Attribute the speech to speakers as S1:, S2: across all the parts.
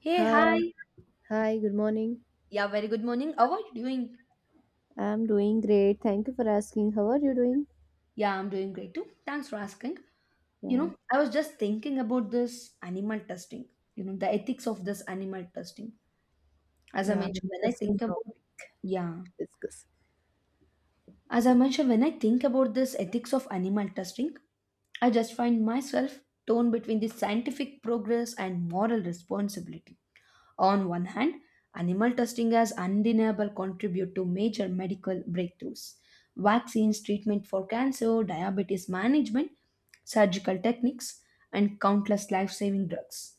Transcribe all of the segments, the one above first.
S1: Hey,
S2: Hi,
S1: hi.
S2: hi, good morning.
S1: Yeah, very good morning. How are you doing?
S2: I'm doing great. Thank you for asking. How are you doing?
S1: Yeah, I'm doing great too. Thanks for asking. You
S2: Yeah.
S1: know, I was just thinking about this animal testing, the ethics of this animal testing. As I
S2: Yeah,
S1: mentioned, when I
S2: interesting
S1: think about,
S2: topic
S1: yeah,
S2: to discuss.
S1: as I mentioned, when I think about this ethics of animal testing, I just find myself torn between the scientific progress and moral responsibility. On one hand, animal testing has undeniable contribute to major medical breakthroughs. Vaccines, treatment for cancer, diabetes management, surgical techniques, and countless life-saving drugs.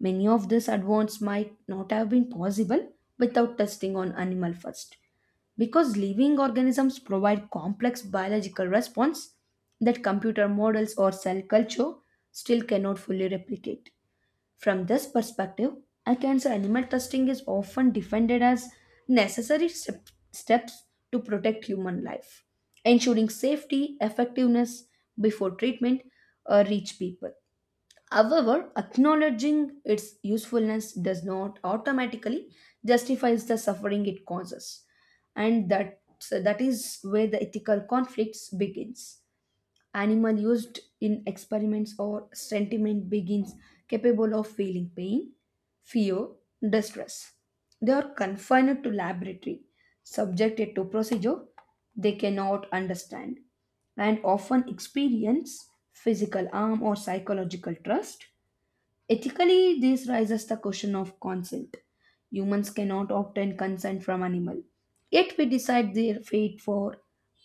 S1: Many of these advances might not have been possible without testing on animal first, because living organisms provide complex biological response that computer models or cell culture still cannot fully replicate. From this perspective, I can say animal testing is often defended as necessary steps to protect human life, ensuring safety, effectiveness before treatment reach people. However, acknowledging its usefulness does not automatically justifies the suffering it causes, and that so that is where the ethical conflicts begins animal used in experiments or sentiment begins capable of feeling pain, fear, distress. They are confined to laboratory, subjected to procedure they cannot understand, and often experience physical harm or psychological trust. Ethically, this raises the question of consent. Humans cannot obtain consent from animal, yet we decide their fate for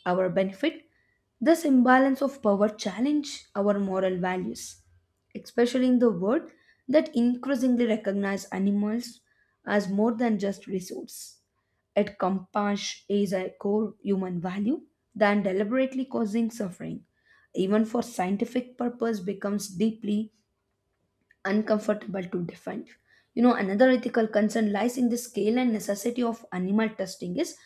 S1: our benefit. This imbalance of power challenge our moral values, especially in the world that increasingly recognize animals as more than just resource. It compassion is a core human value than deliberately causing suffering, even for scientific purpose, becomes deeply uncomfortable to define. You know, another ethical concern lies in the scale and necessity of animal testing is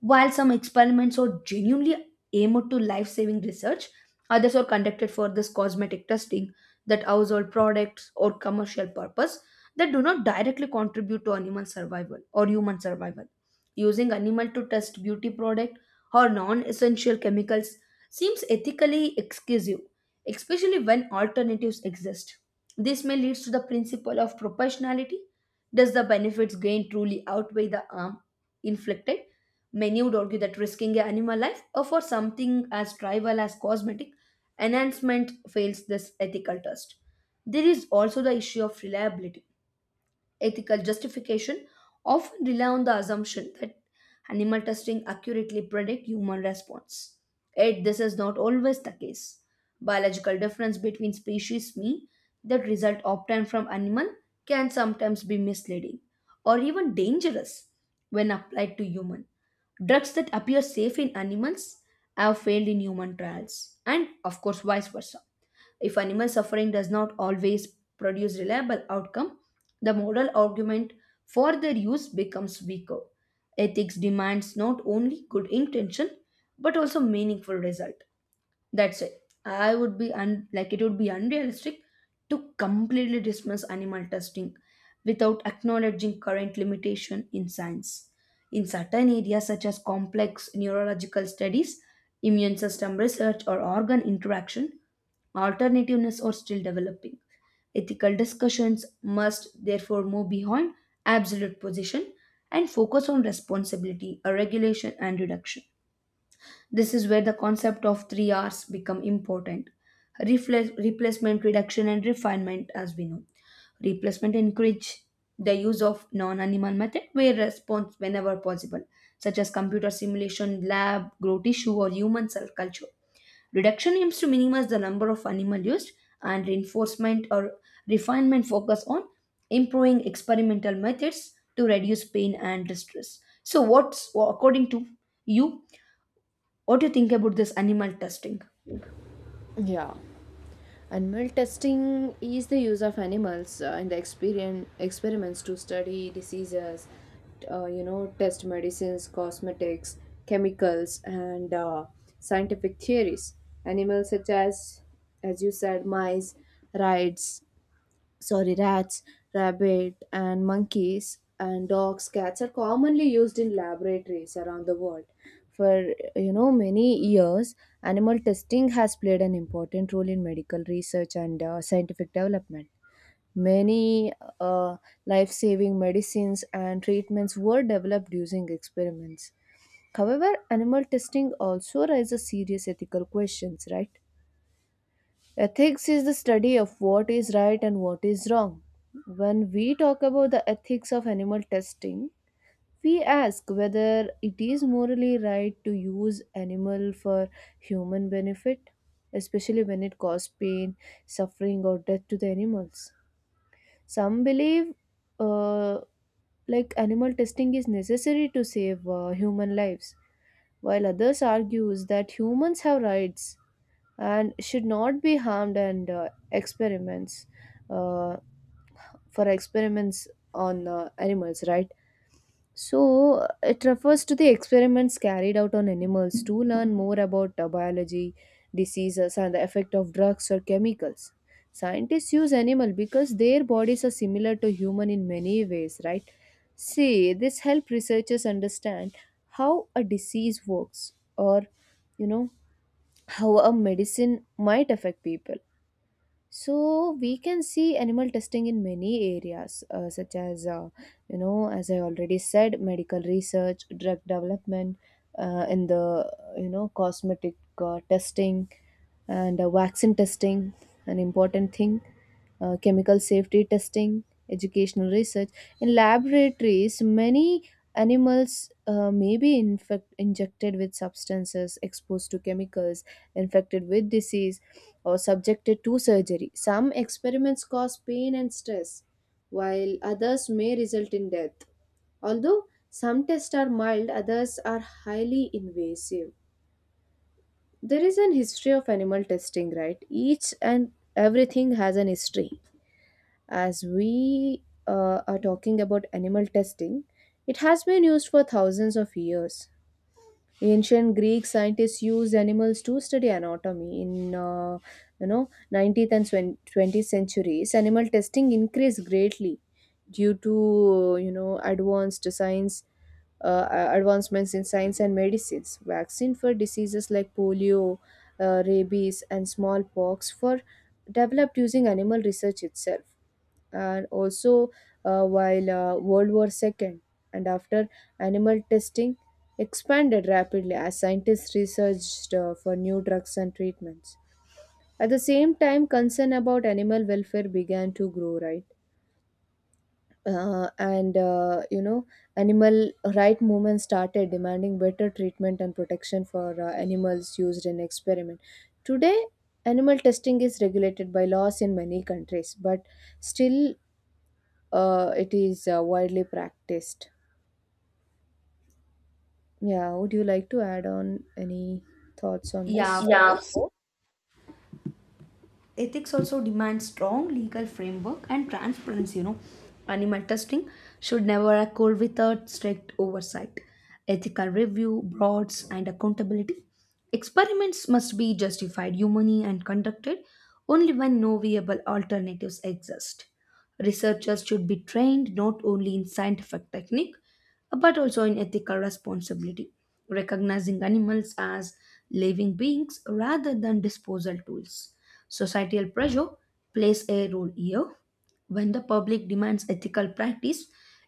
S1: while some experiments are genuinely aimed to life-saving research, others are conducted for this cosmetic testing that household products or commercial purpose that do not directly contribute to animal survival or human survival. Using animal to test beauty product or non-essential chemicals seems ethically exclusive especially when alternatives exist. This may lead to the principle of proportionality. Does the benefits gained truly outweigh the harm inflicted? Many would argue that risking an animal life or for something as trivial as cosmetic enhancement fails this ethical test. There is also the issue of reliability ethical justification often rely on the assumption that animal testing accurately predict human response. Yet this is not always the case. Biological difference between species mean that result obtained from animal can sometimes be misleading or even dangerous when applied to human. Drugs that appear safe in animals have failed in human trials and of course vice versa. If animal suffering does not always produce reliable outcome, the moral argument for their use becomes weaker. Ethics demands not only good intention but also meaningful result. That's it. I would be like it would be unrealistic to completely dismiss animal testing without acknowledging current limitation in science. In certain areas such as complex neurological studies, immune system research or organ interaction, alternativeness are still developing. Ethical discussions must therefore move beyond absolute position and focus on responsibility, regulation and reduction. This is where the concept of 3 Rs become important. Replacement, reduction and refinement as we know. Replacement encourage the use of non-animal method where response whenever possible such as computer simulation, lab, grow tissue or human cell culture. Reduction aims to minimize the number of animal used and reinforcement or refinement focus on improving experimental methods to reduce pain and distress. So what's according to you what do you think about this animal testing?
S2: Yeah. Animal testing is the use of animals in the experien experiments to study diseases, test medicines, cosmetics, chemicals, and scientific theories. Animals such as you said, mice, rats, sorry rats rabbit, and monkeys and dogs, cats are commonly used in laboratories around the world for you know many years. Animal testing has played an important role in medical research and scientific development. Many uh, life-saving medicines and treatments were developed using experiments. However, animal testing also raises serious ethical questions, right? Ethics is the study of what is right and what is wrong. When we talk about the ethics of animal testing, we ask whether it is morally right to use animal for human benefit, especially when it causes pain, suffering, or death to the animals. Some believe uh, like animal testing is necessary to save human lives, while others argues that humans have rights and should not be harmed and experiments, uh, for experiments on animals, right? So it refers to the experiments carried out on animals to learn more about biology, diseases, and the effect of drugs or chemicals. Scientists use animal because their bodies are similar to human in many ways, right? See, this help researchers understand how a disease works or you know how a medicine might affect people. So we can see animal testing in many areas, such as as I already said, medical research, drug development, in the you know cosmetic testing and vaccine testing, an important thing, chemical safety testing, educational research. In laboratories, many animals may be injected with substances, exposed to chemicals, infected with disease, or subjected to surgery. Some experiments cause pain and stress, while others may result in death. Although some tests are mild, others are highly invasive. There is an history of animal testing, right? Each and everything has an history. As we are talking about animal testing, it has been used for thousands of years. Ancient Greek scientists used animals to study anatomy. In you know 19th and 20th centuries, animal testing increased greatly due to you know advanced science, uh, advancements in science and medicines. Vaccine for diseases like polio, rabies, and smallpox for developed using animal research itself, and also while World War II and after, animal testing expanded rapidly as scientists researched for new drugs and treatments. At the same time, concern about animal welfare began to grow, right? Uh, and uh, you know, Animal right movement started demanding better treatment and protection for animals used in experiment. Today, animal testing is regulated by laws in many countries, but still it is widely practiced. Yeah, would you like to add on any thoughts on this?
S1: Yeah, of
S2: Yeah, of
S1: course.
S2: course.
S1: Ethics also demands strong legal framework and transparency, you know. Animal testing should never occur without strict oversight, ethical review, broads, and accountability. Experiments must be justified humanly and conducted only when no viable alternatives exist. Researchers should be trained not only in scientific technique but also in ethical responsibility, recognizing animals as living beings rather than disposal tools. Societal pressure plays a role here. When the public demands ethical practice,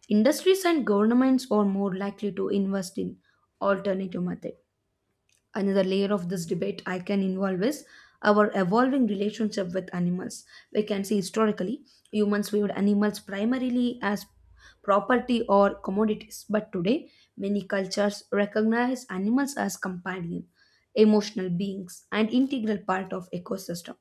S1: industries and governments are more likely to invest in alternative methods another layer of this debate I can involve is our evolving relationship with animals. We can see historically, humans viewed animals primarily as property or commodities, but today, many cultures recognize animals as companion, emotional beings, and integral part of ecosystem.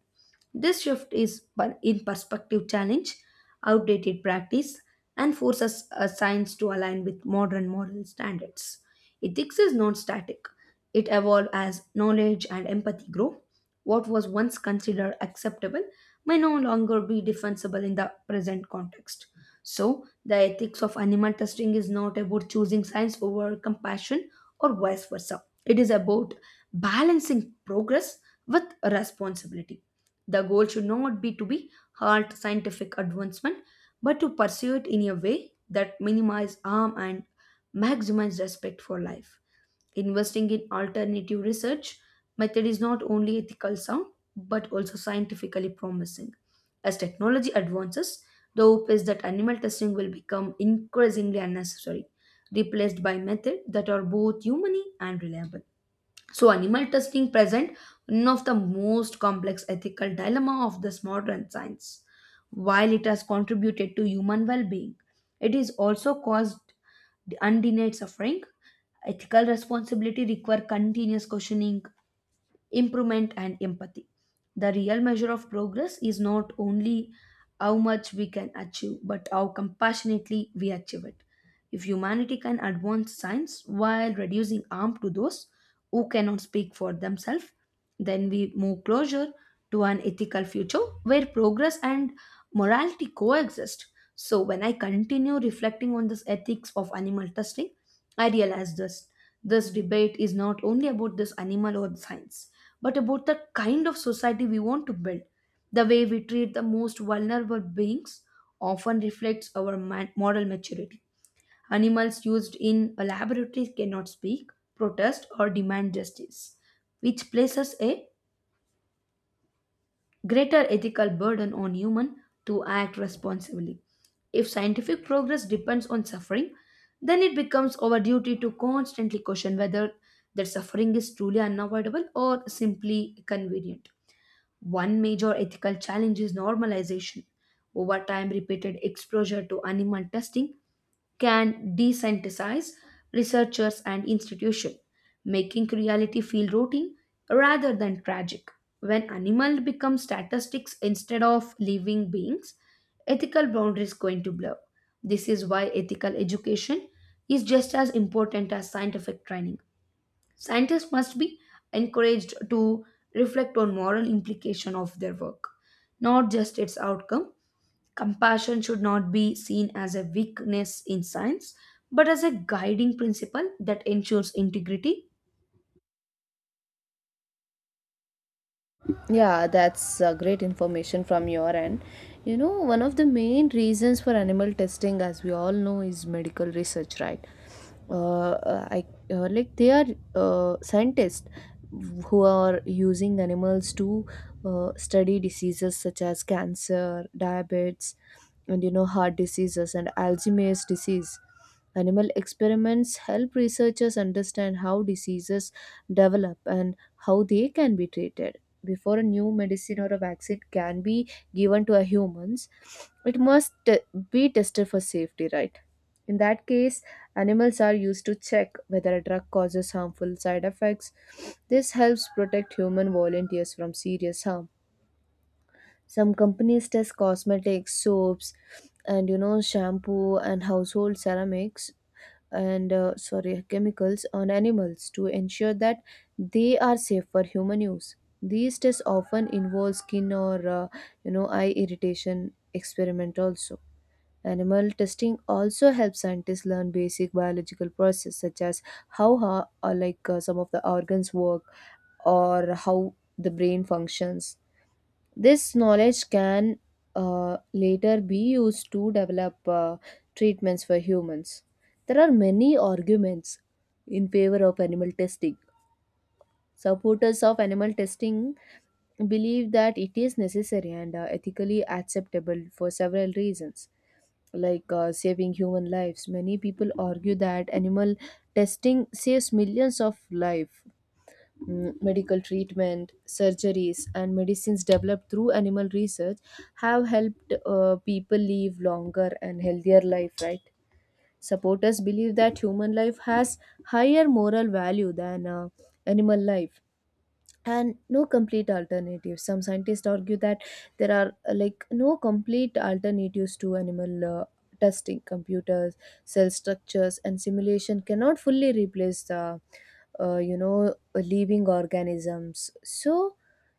S1: This shift is in perspective challenge, outdated practice, and forces science to align with modern moral standards. Ethics is non static. It evolved as knowledge and empathy grow. What was once considered acceptable may no longer be defensible in the present context. So, the ethics of animal testing is not about choosing science over compassion or vice versa. It is about balancing progress with responsibility. The goal should not be to be halt scientific advancement, but to pursue it in a way that minimizes harm and maximizes respect for life. Investing in alternative research method is not only ethical sound but also scientifically promising. As technology advances, the hope is that animal testing will become increasingly unnecessary, replaced by methods that are both humane and reliable. So, animal testing present one of the most complex ethical dilemma of this modern science. While it has contributed to human well-being, it is also caused undenied suffering. Ethical responsibility require continuous questioning improvement, and empathy. The real measure of progress is not only how much we can achieve, but how compassionately we achieve it. If humanity can advance science while reducing harm to those who cannot speak for themselves, then we move closer to an ethical future where progress and morality coexist. So, when I continue reflecting on this ethics of animal testing, I realize this debate is not only about this animal or science but about the kind of society we want to build. The way we treat the most vulnerable beings often reflects our moral maturity. Animals used in laboratories cannot speak, protest, or demand justice, which places a greater ethical burden on humans to act responsibly. If scientific progress depends on suffering, then it becomes our duty to constantly question whether that suffering is truly unavoidable or simply convenient. One major ethical challenge is normalization. Over time, repeated exposure to animal testing can desensitize researchers and institutions, making reality feel routine rather than tragic. When animals become statistics instead of living beings, ethical boundaries going to blur. This is why ethical education is just as important as scientific training. Scientists must be encouraged to reflect on moral implication of their work, not just its outcome. Compassion should not be seen as a weakness in science, but as a guiding principle that ensures integrity.
S2: Yeah, that's great information from your end. You know, one of the main reasons for animal testing, as we all know, is medical research, right? I like they are scientists who are using animals to study diseases such as cancer, diabetes, and you know heart diseases and alzheimer's disease. Animal experiments help researchers understand how diseases develop and how they can be treated. Before a new medicine or a vaccine can be given to a humans, it must be tested for safety, right? In that case, animals are used to check whether a drug causes harmful side effects. This helps protect human volunteers from serious harm. Some companies test cosmetics, soaps, and you know, shampoo and household ceramics and sorry, chemicals on animals to ensure that they are safe for human use. These tests often involve skin or you know eye irritation experiment also. Animal testing also helps scientists learn basic biological process such as or like some of the organs work or how the brain functions. This knowledge can later be used to develop treatments for humans. There are many arguments in favor of animal testing. Supporters of animal testing believe that it is necessary and ethically acceptable for several reasons, like saving human lives. Many people argue that animal testing saves millions of lives. Mm, medical treatment, surgeries, and medicines developed through animal research have helped people live longer and healthier life, right? Supporters believe that human life has higher moral value than animal life, and no complete alternative. Some scientists argue that there are like no complete alternatives to animal testing. Computers, cell structures, and simulation cannot fully replace the you know living organisms, so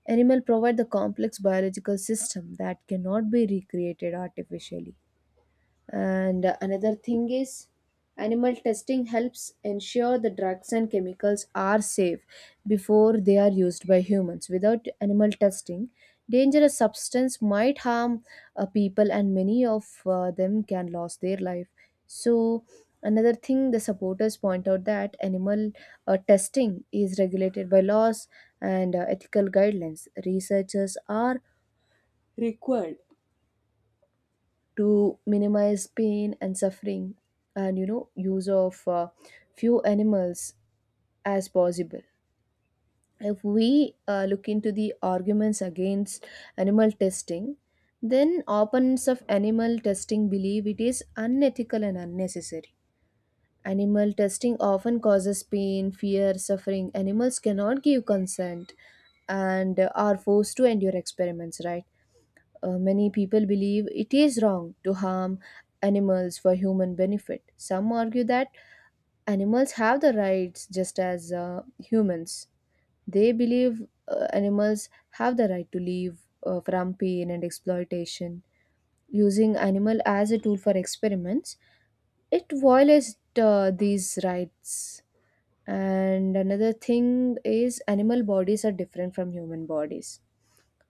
S2: animal provide the complex biological system that cannot be recreated artificially. And another thing is, animal testing helps ensure the drugs and chemicals are safe before they are used by humans. Without animal testing, dangerous substance might harm people, and many of them can lose their life. So, another thing the supporters point out that animal testing is regulated by laws and ethical guidelines. Researchers are required to minimize pain and suffering and you know use of few animals as possible. If we look into the arguments against animal testing, then opponents of animal testing believe it is unethical and unnecessary. Animal testing often causes pain, fear, suffering. Animals cannot give consent and are forced to endure experiments, right? Many people believe it is wrong to harm animals for human benefit. Some argue that animals have the rights just as humans. They believe animals have the right to live from pain and exploitation. Using animal as a tool for experiments, it violates these rights. And another thing is animal bodies are different from human bodies.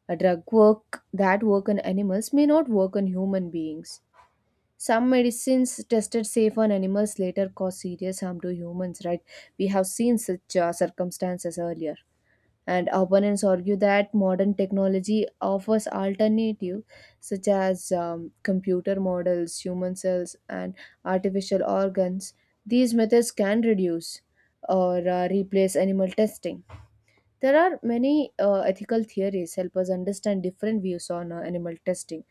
S2: A drug work that work on animals may not work on human beings. Some medicines tested safe on animals later cause serious harm to humans, right? We have seen such circumstances earlier. And opponents argue that modern technology offers alternative such as computer models, human cells, and artificial organs. These methods can reduce or replace animal testing. There are many ethical theories help us understand different views on animal testing,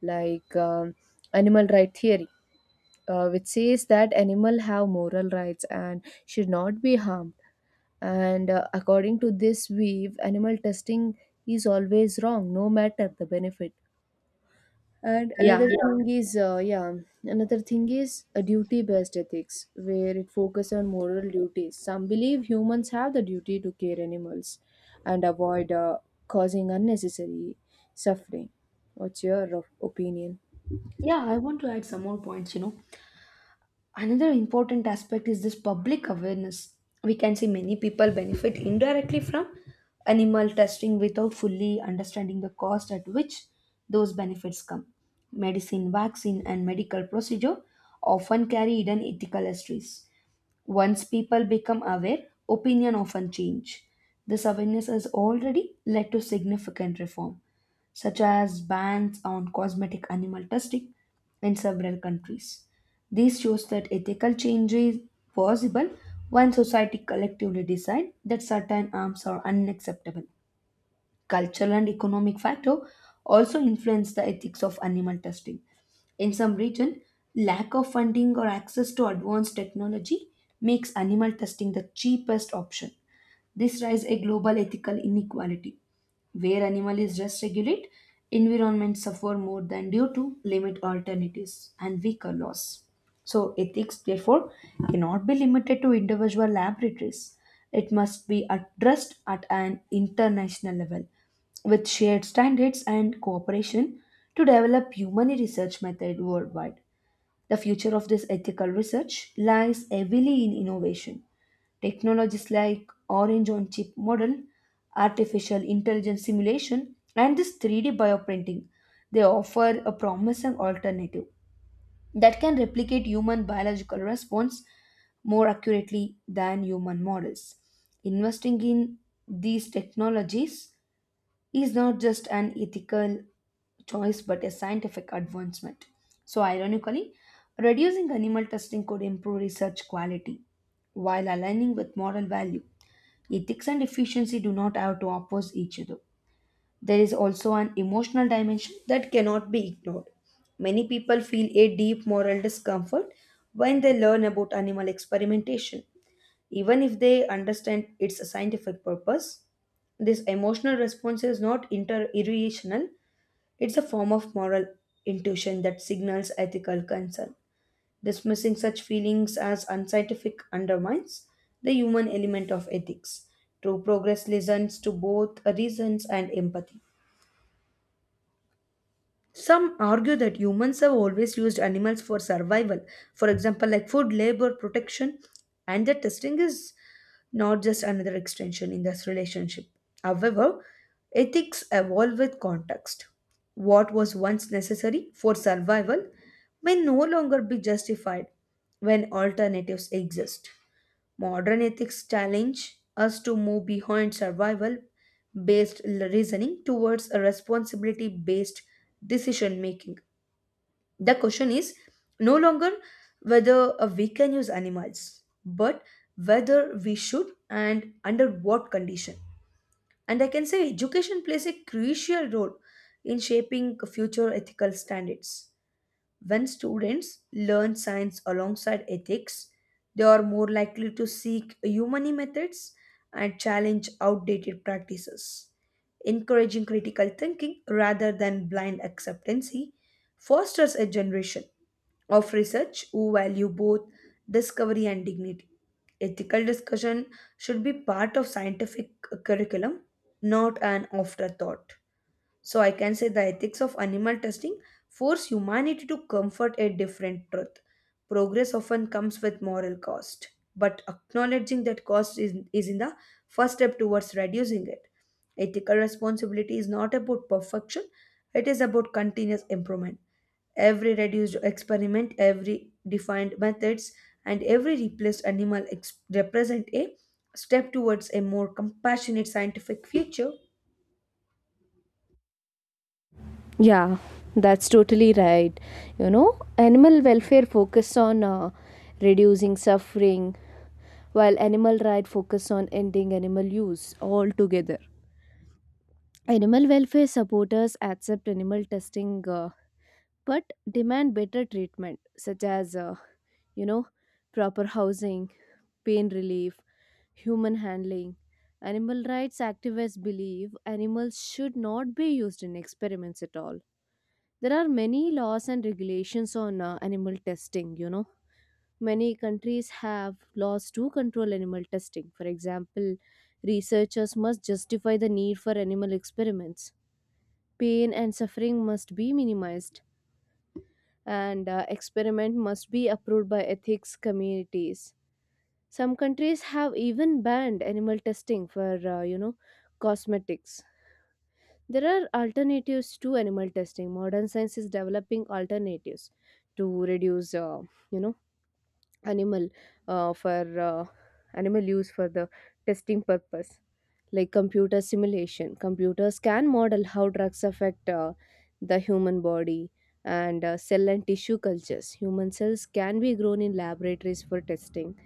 S2: like animal right theory which says that animal have moral rights and should not be harmed, and according to this view animal testing is always wrong no matter the benefit. And another
S1: Yeah.
S2: yeah, thing is yeah, another thing is a duty based ethics where it focuses on moral duties. Some believe humans have the duty to care animals and avoid causing unnecessary suffering. What's your opinion?
S1: Yeah, I want to add some more points, you know. Another important aspect is this public awareness. We can see many people benefit indirectly from animal testing without fully understanding the cost at which those benefits come. Medicine, vaccine, and medical procedure often carry hidden ethical histories. Once people become aware, opinion often change. This awareness has already led to significant reform such as bans on cosmetic animal testing in several countries. This shows that ethical change is possible when society collectively decide that certain arms are unacceptable. Cultural and economic factor also influence the ethics of animal testing. In some region, lack of funding or access to advanced technology makes animal testing the cheapest option. This raises a global ethical inequality where animal is just regulate, environments suffer more than due to limit alternatives and weaker laws. So ethics therefore cannot be limited to individual laboratories. It must be addressed at an international level with shared standards and cooperation to develop human research method worldwide. The future of this ethical research lies heavily in innovation. Technologies like orange on chip model, artificial intelligence simulation, and this 3D bioprinting, they offer a promising alternative that can replicate human biological response more accurately than human models. Investing in these technologies is not just an ethical choice but a scientific advancement. So, ironically, reducing animal testing could improve research quality while aligning with moral value. Ethics and efficiency do not have to oppose each other. There is also an emotional dimension that cannot be ignored. Many people feel a deep moral discomfort when they learn about animal experimentation, even if they understand its scientific purpose. This emotional response is not irrational, it's a form of moral intuition that signals ethical concern. Dismissing such feelings as unscientific undermines the human element of ethics. True progress listens to both reasons and empathy. Some argue that humans have always used animals for survival, for example, like food, labor, protection, and the testing is not just another extension in this relationship. However, ethics evolve with context. What was once necessary for survival may no longer be justified when alternatives exist. Modern ethics challenge us to move behind survival based reasoning towards a responsibility based decision making. The question is no longer whether we can use animals, but whether we should and under what condition. And I can say education plays a crucial role in shaping future ethical standards. When students learn science alongside ethics, they are more likely to seek humane methods and challenge outdated practices. Encouraging critical thinking rather than blind acceptance fosters a generation of research who value both discovery and dignity. Ethical discussion should be part of scientific curriculum, not an afterthought. So I can say the ethics of animal testing force humanity to comfort a different truth. Progress often comes with moral cost, but acknowledging that cost is in the first step towards reducing it. Ethical responsibility is not about perfection, it is about continuous improvement. Every reduced experiment, every defined methods, and every replaced represent a step towards a more compassionate scientific future.
S2: Yeah, that's totally right. You know, animal welfare focus on reducing suffering, while animal right focus on ending animal use altogether. Animal welfare supporters accept animal testing, but demand better treatment, such as you know, proper housing, pain relief, human handling. Animal rights activists believe animals should not be used in experiments at all. There are many laws and regulations on animal testing, you know. Many countries have laws to control animal testing. For example, researchers must justify the need for animal experiments. Pain and suffering must be minimized, and experiment must be approved by ethics communities. Some countries have even banned animal testing for, cosmetics. There are alternatives to animal testing. Modern science is developing alternatives to reduce, you know, animal for animal use for the testing purpose, like computer simulation. Computers can model how drugs affect the human body and cell and tissue cultures. Human cells can be grown in laboratories for testing.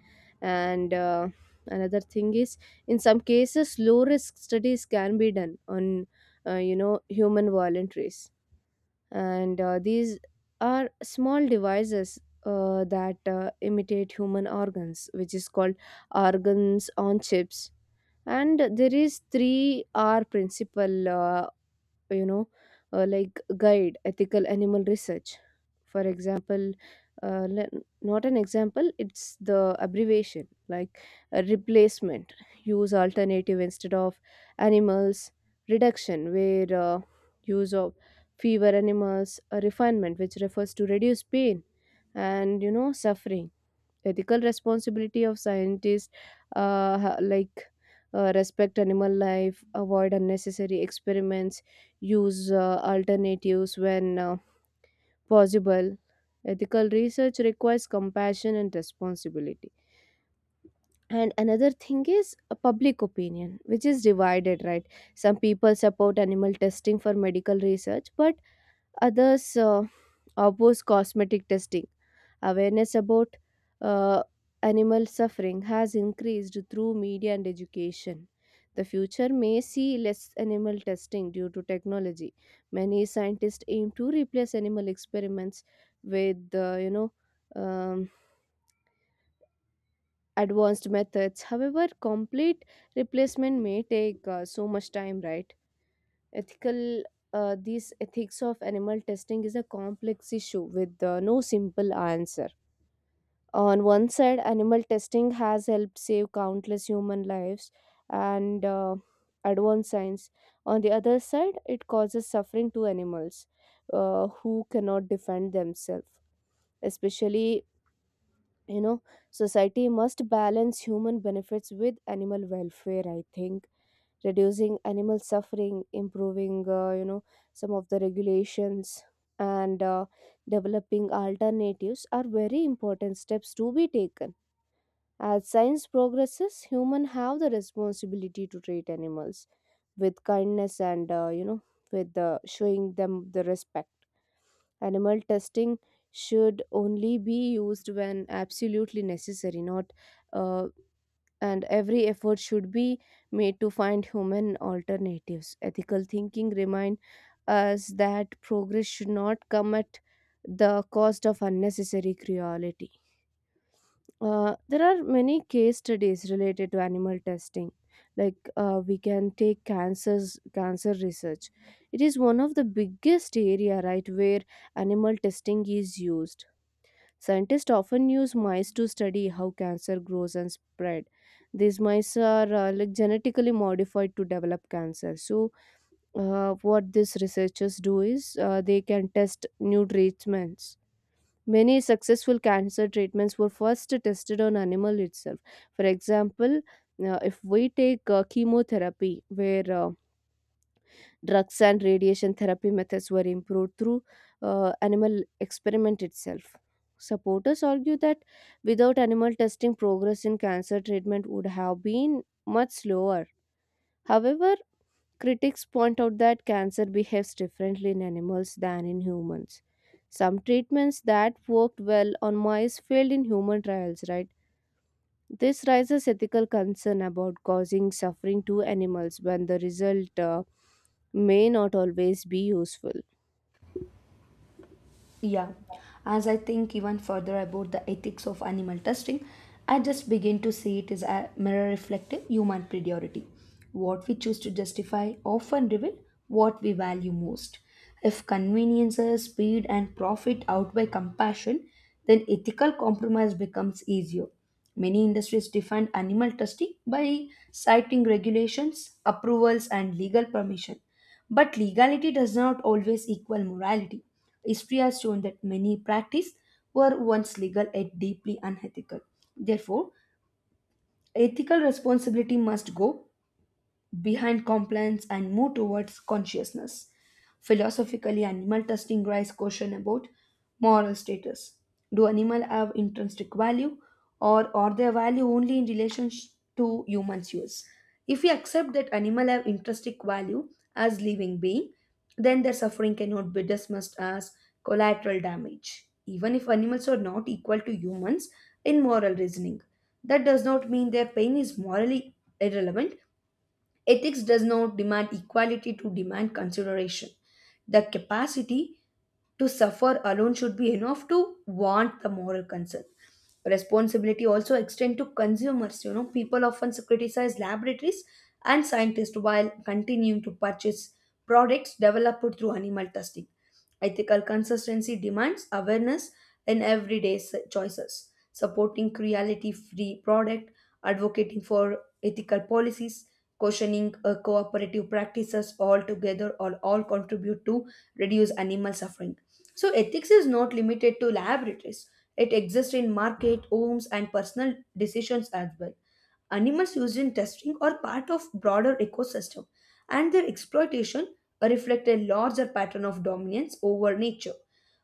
S2: And another thing is, in some cases, low risk studies can be done on, human voluntaries. And these are small devices that imitate human organs, which is called organs on chips. And there is 3R principle, you know like guide ethical animal research. For example, uh, le- not an example, it's the abbreviation, like a replacement, use alternative instead of animals; reduction, where use of fewer animals; a refinement, which refers to reduce pain and you know suffering. Ethical responsibility of scientists, like respect animal life, avoid unnecessary experiments, use alternatives when possible. Ethical research requires compassion and responsibility. And another thing is a public opinion which is divided, right? Some people support animal testing for medical research, but others oppose cosmetic testing. Awareness about uh, animal suffering has increased through media and education. The future may see less animal testing due to technology. Many scientists aim to replace animal experiments with, um, advanced methods. However, complete replacement may take so much time, right? ethical These ethics of animal testing is a complex issue with no simple answer. On one side, animal testing has helped save countless human lives and advanced science. On the other side, it causes suffering to animals who cannot defend themselves, especially you know. Society must balance human benefits with animal welfare. I think reducing animal suffering, improving some of the regulations, and developing alternatives are very important steps to be taken. As science progresses, humans have the responsibility to treat animals with kindness and with showing them the respect. Animal testing should only be used when absolutely necessary, not uh, and every effort should be made to find human alternatives. Ethical thinking reminds us that progress should not come at the cost of unnecessary cruelty. There are many case studies related to animal testing. Like we can take cancers, cancer research. It is one of the biggest area, right, where animal testing is used. Scientists often use mice to study how cancer grows and spread. These mice are like genetically modified to develop cancer. So, what these researchers do is they can test new treatments. Many successful cancer treatments were first tested on animal itself. For example, if we take chemotherapy, where drugs and radiation therapy methods were improved through animal experiment itself. Supporters argue that without animal testing, progress in cancer treatment would have been much slower. However, critics point out that cancer behaves differently in animals than in humans. Some treatments that worked well on mice failed in human trials, right? This raises ethical concern about causing suffering to animals when the result may not always be useful.
S1: Yeah, as I think even further about the ethics of animal testing, I just begin to see it is a mirror reflective human priority. What we choose to justify often reveal what we value most. If conveniences, speed, and profit outweigh compassion, then ethical compromise becomes easier. Many industries define animal testing by citing regulations, approvals, and legal permission. But legality does not always equal morality. History has shown that many practices were once legal yet deeply unethical. Therefore, ethical responsibility must go behind compliance and move towards consciousness. Philosophically, animal testing raises question about moral status. Do animals have intrinsic value or are their value only to humans' use? If we accept that animals have intrinsic value as living being, then their suffering cannot be dismissed as collateral damage. Even if animals are not equal to humans in moral reasoning, that does not mean their pain is morally irrelevant. Ethics does not demand equality to demand consideration. The capacity to suffer alone should be enough to warrant the moral concern. Responsibility also extend to consumers. You know, people often criticize laboratories and scientists while continuing to purchase products developed through animal testing. Ethical consistency demands awareness in choices, supporting cruelty-free product, advocating for ethical policies, questioning cooperative practices altogether or all contribute to reduce animal suffering. So ethics is not limited to laboratories. It exists in market, homes, and personal decisions as well. Animals used in testing are part of broader ecosystem, and their exploitation reflect a larger pattern of dominance over nature.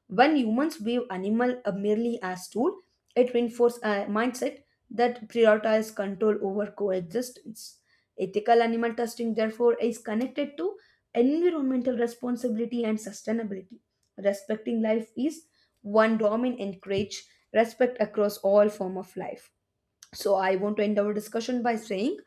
S1: When humans view animal merely as tool, it reinforces a mindset that prioritizes control over coexistence. Ethical animal testing, therefore, is connected to environmental responsibility and sustainability. Respecting life is one domain encourage respect across all form of life. So I want to end our discussion by saying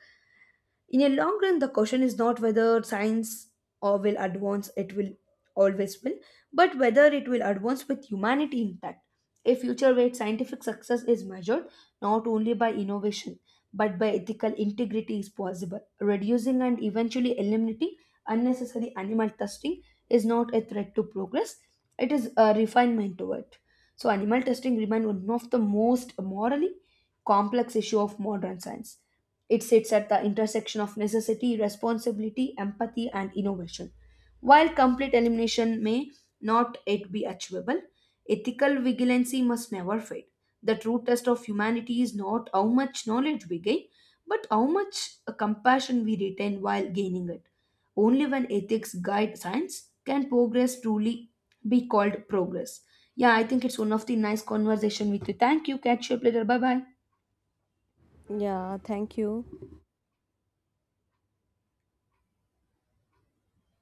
S1: in a long run, the question is not whether science or will advance it will always will but whether it will advance with humanity intact. A future where scientific success is measured not only by innovation but by ethical integrity is possible. Reducing and eventually eliminating unnecessary animal testing is not a threat to progress, it is a refinement to it. So animal testing remains one of the most morally complex issue of modern science. It sits at the intersection of necessity, responsibility, empathy, and innovation. While complete elimination may not yet be achievable, ethical vigilancy must never fade. The true test of humanity is not how much knowledge we gain, but how much compassion we retain while gaining it. Only when ethics guide science can progress truly be called progress. Yeah, I think it's one of the nice conversation with you. Thank you. Catch you up later. Bye bye.
S2: Yeah, thank you.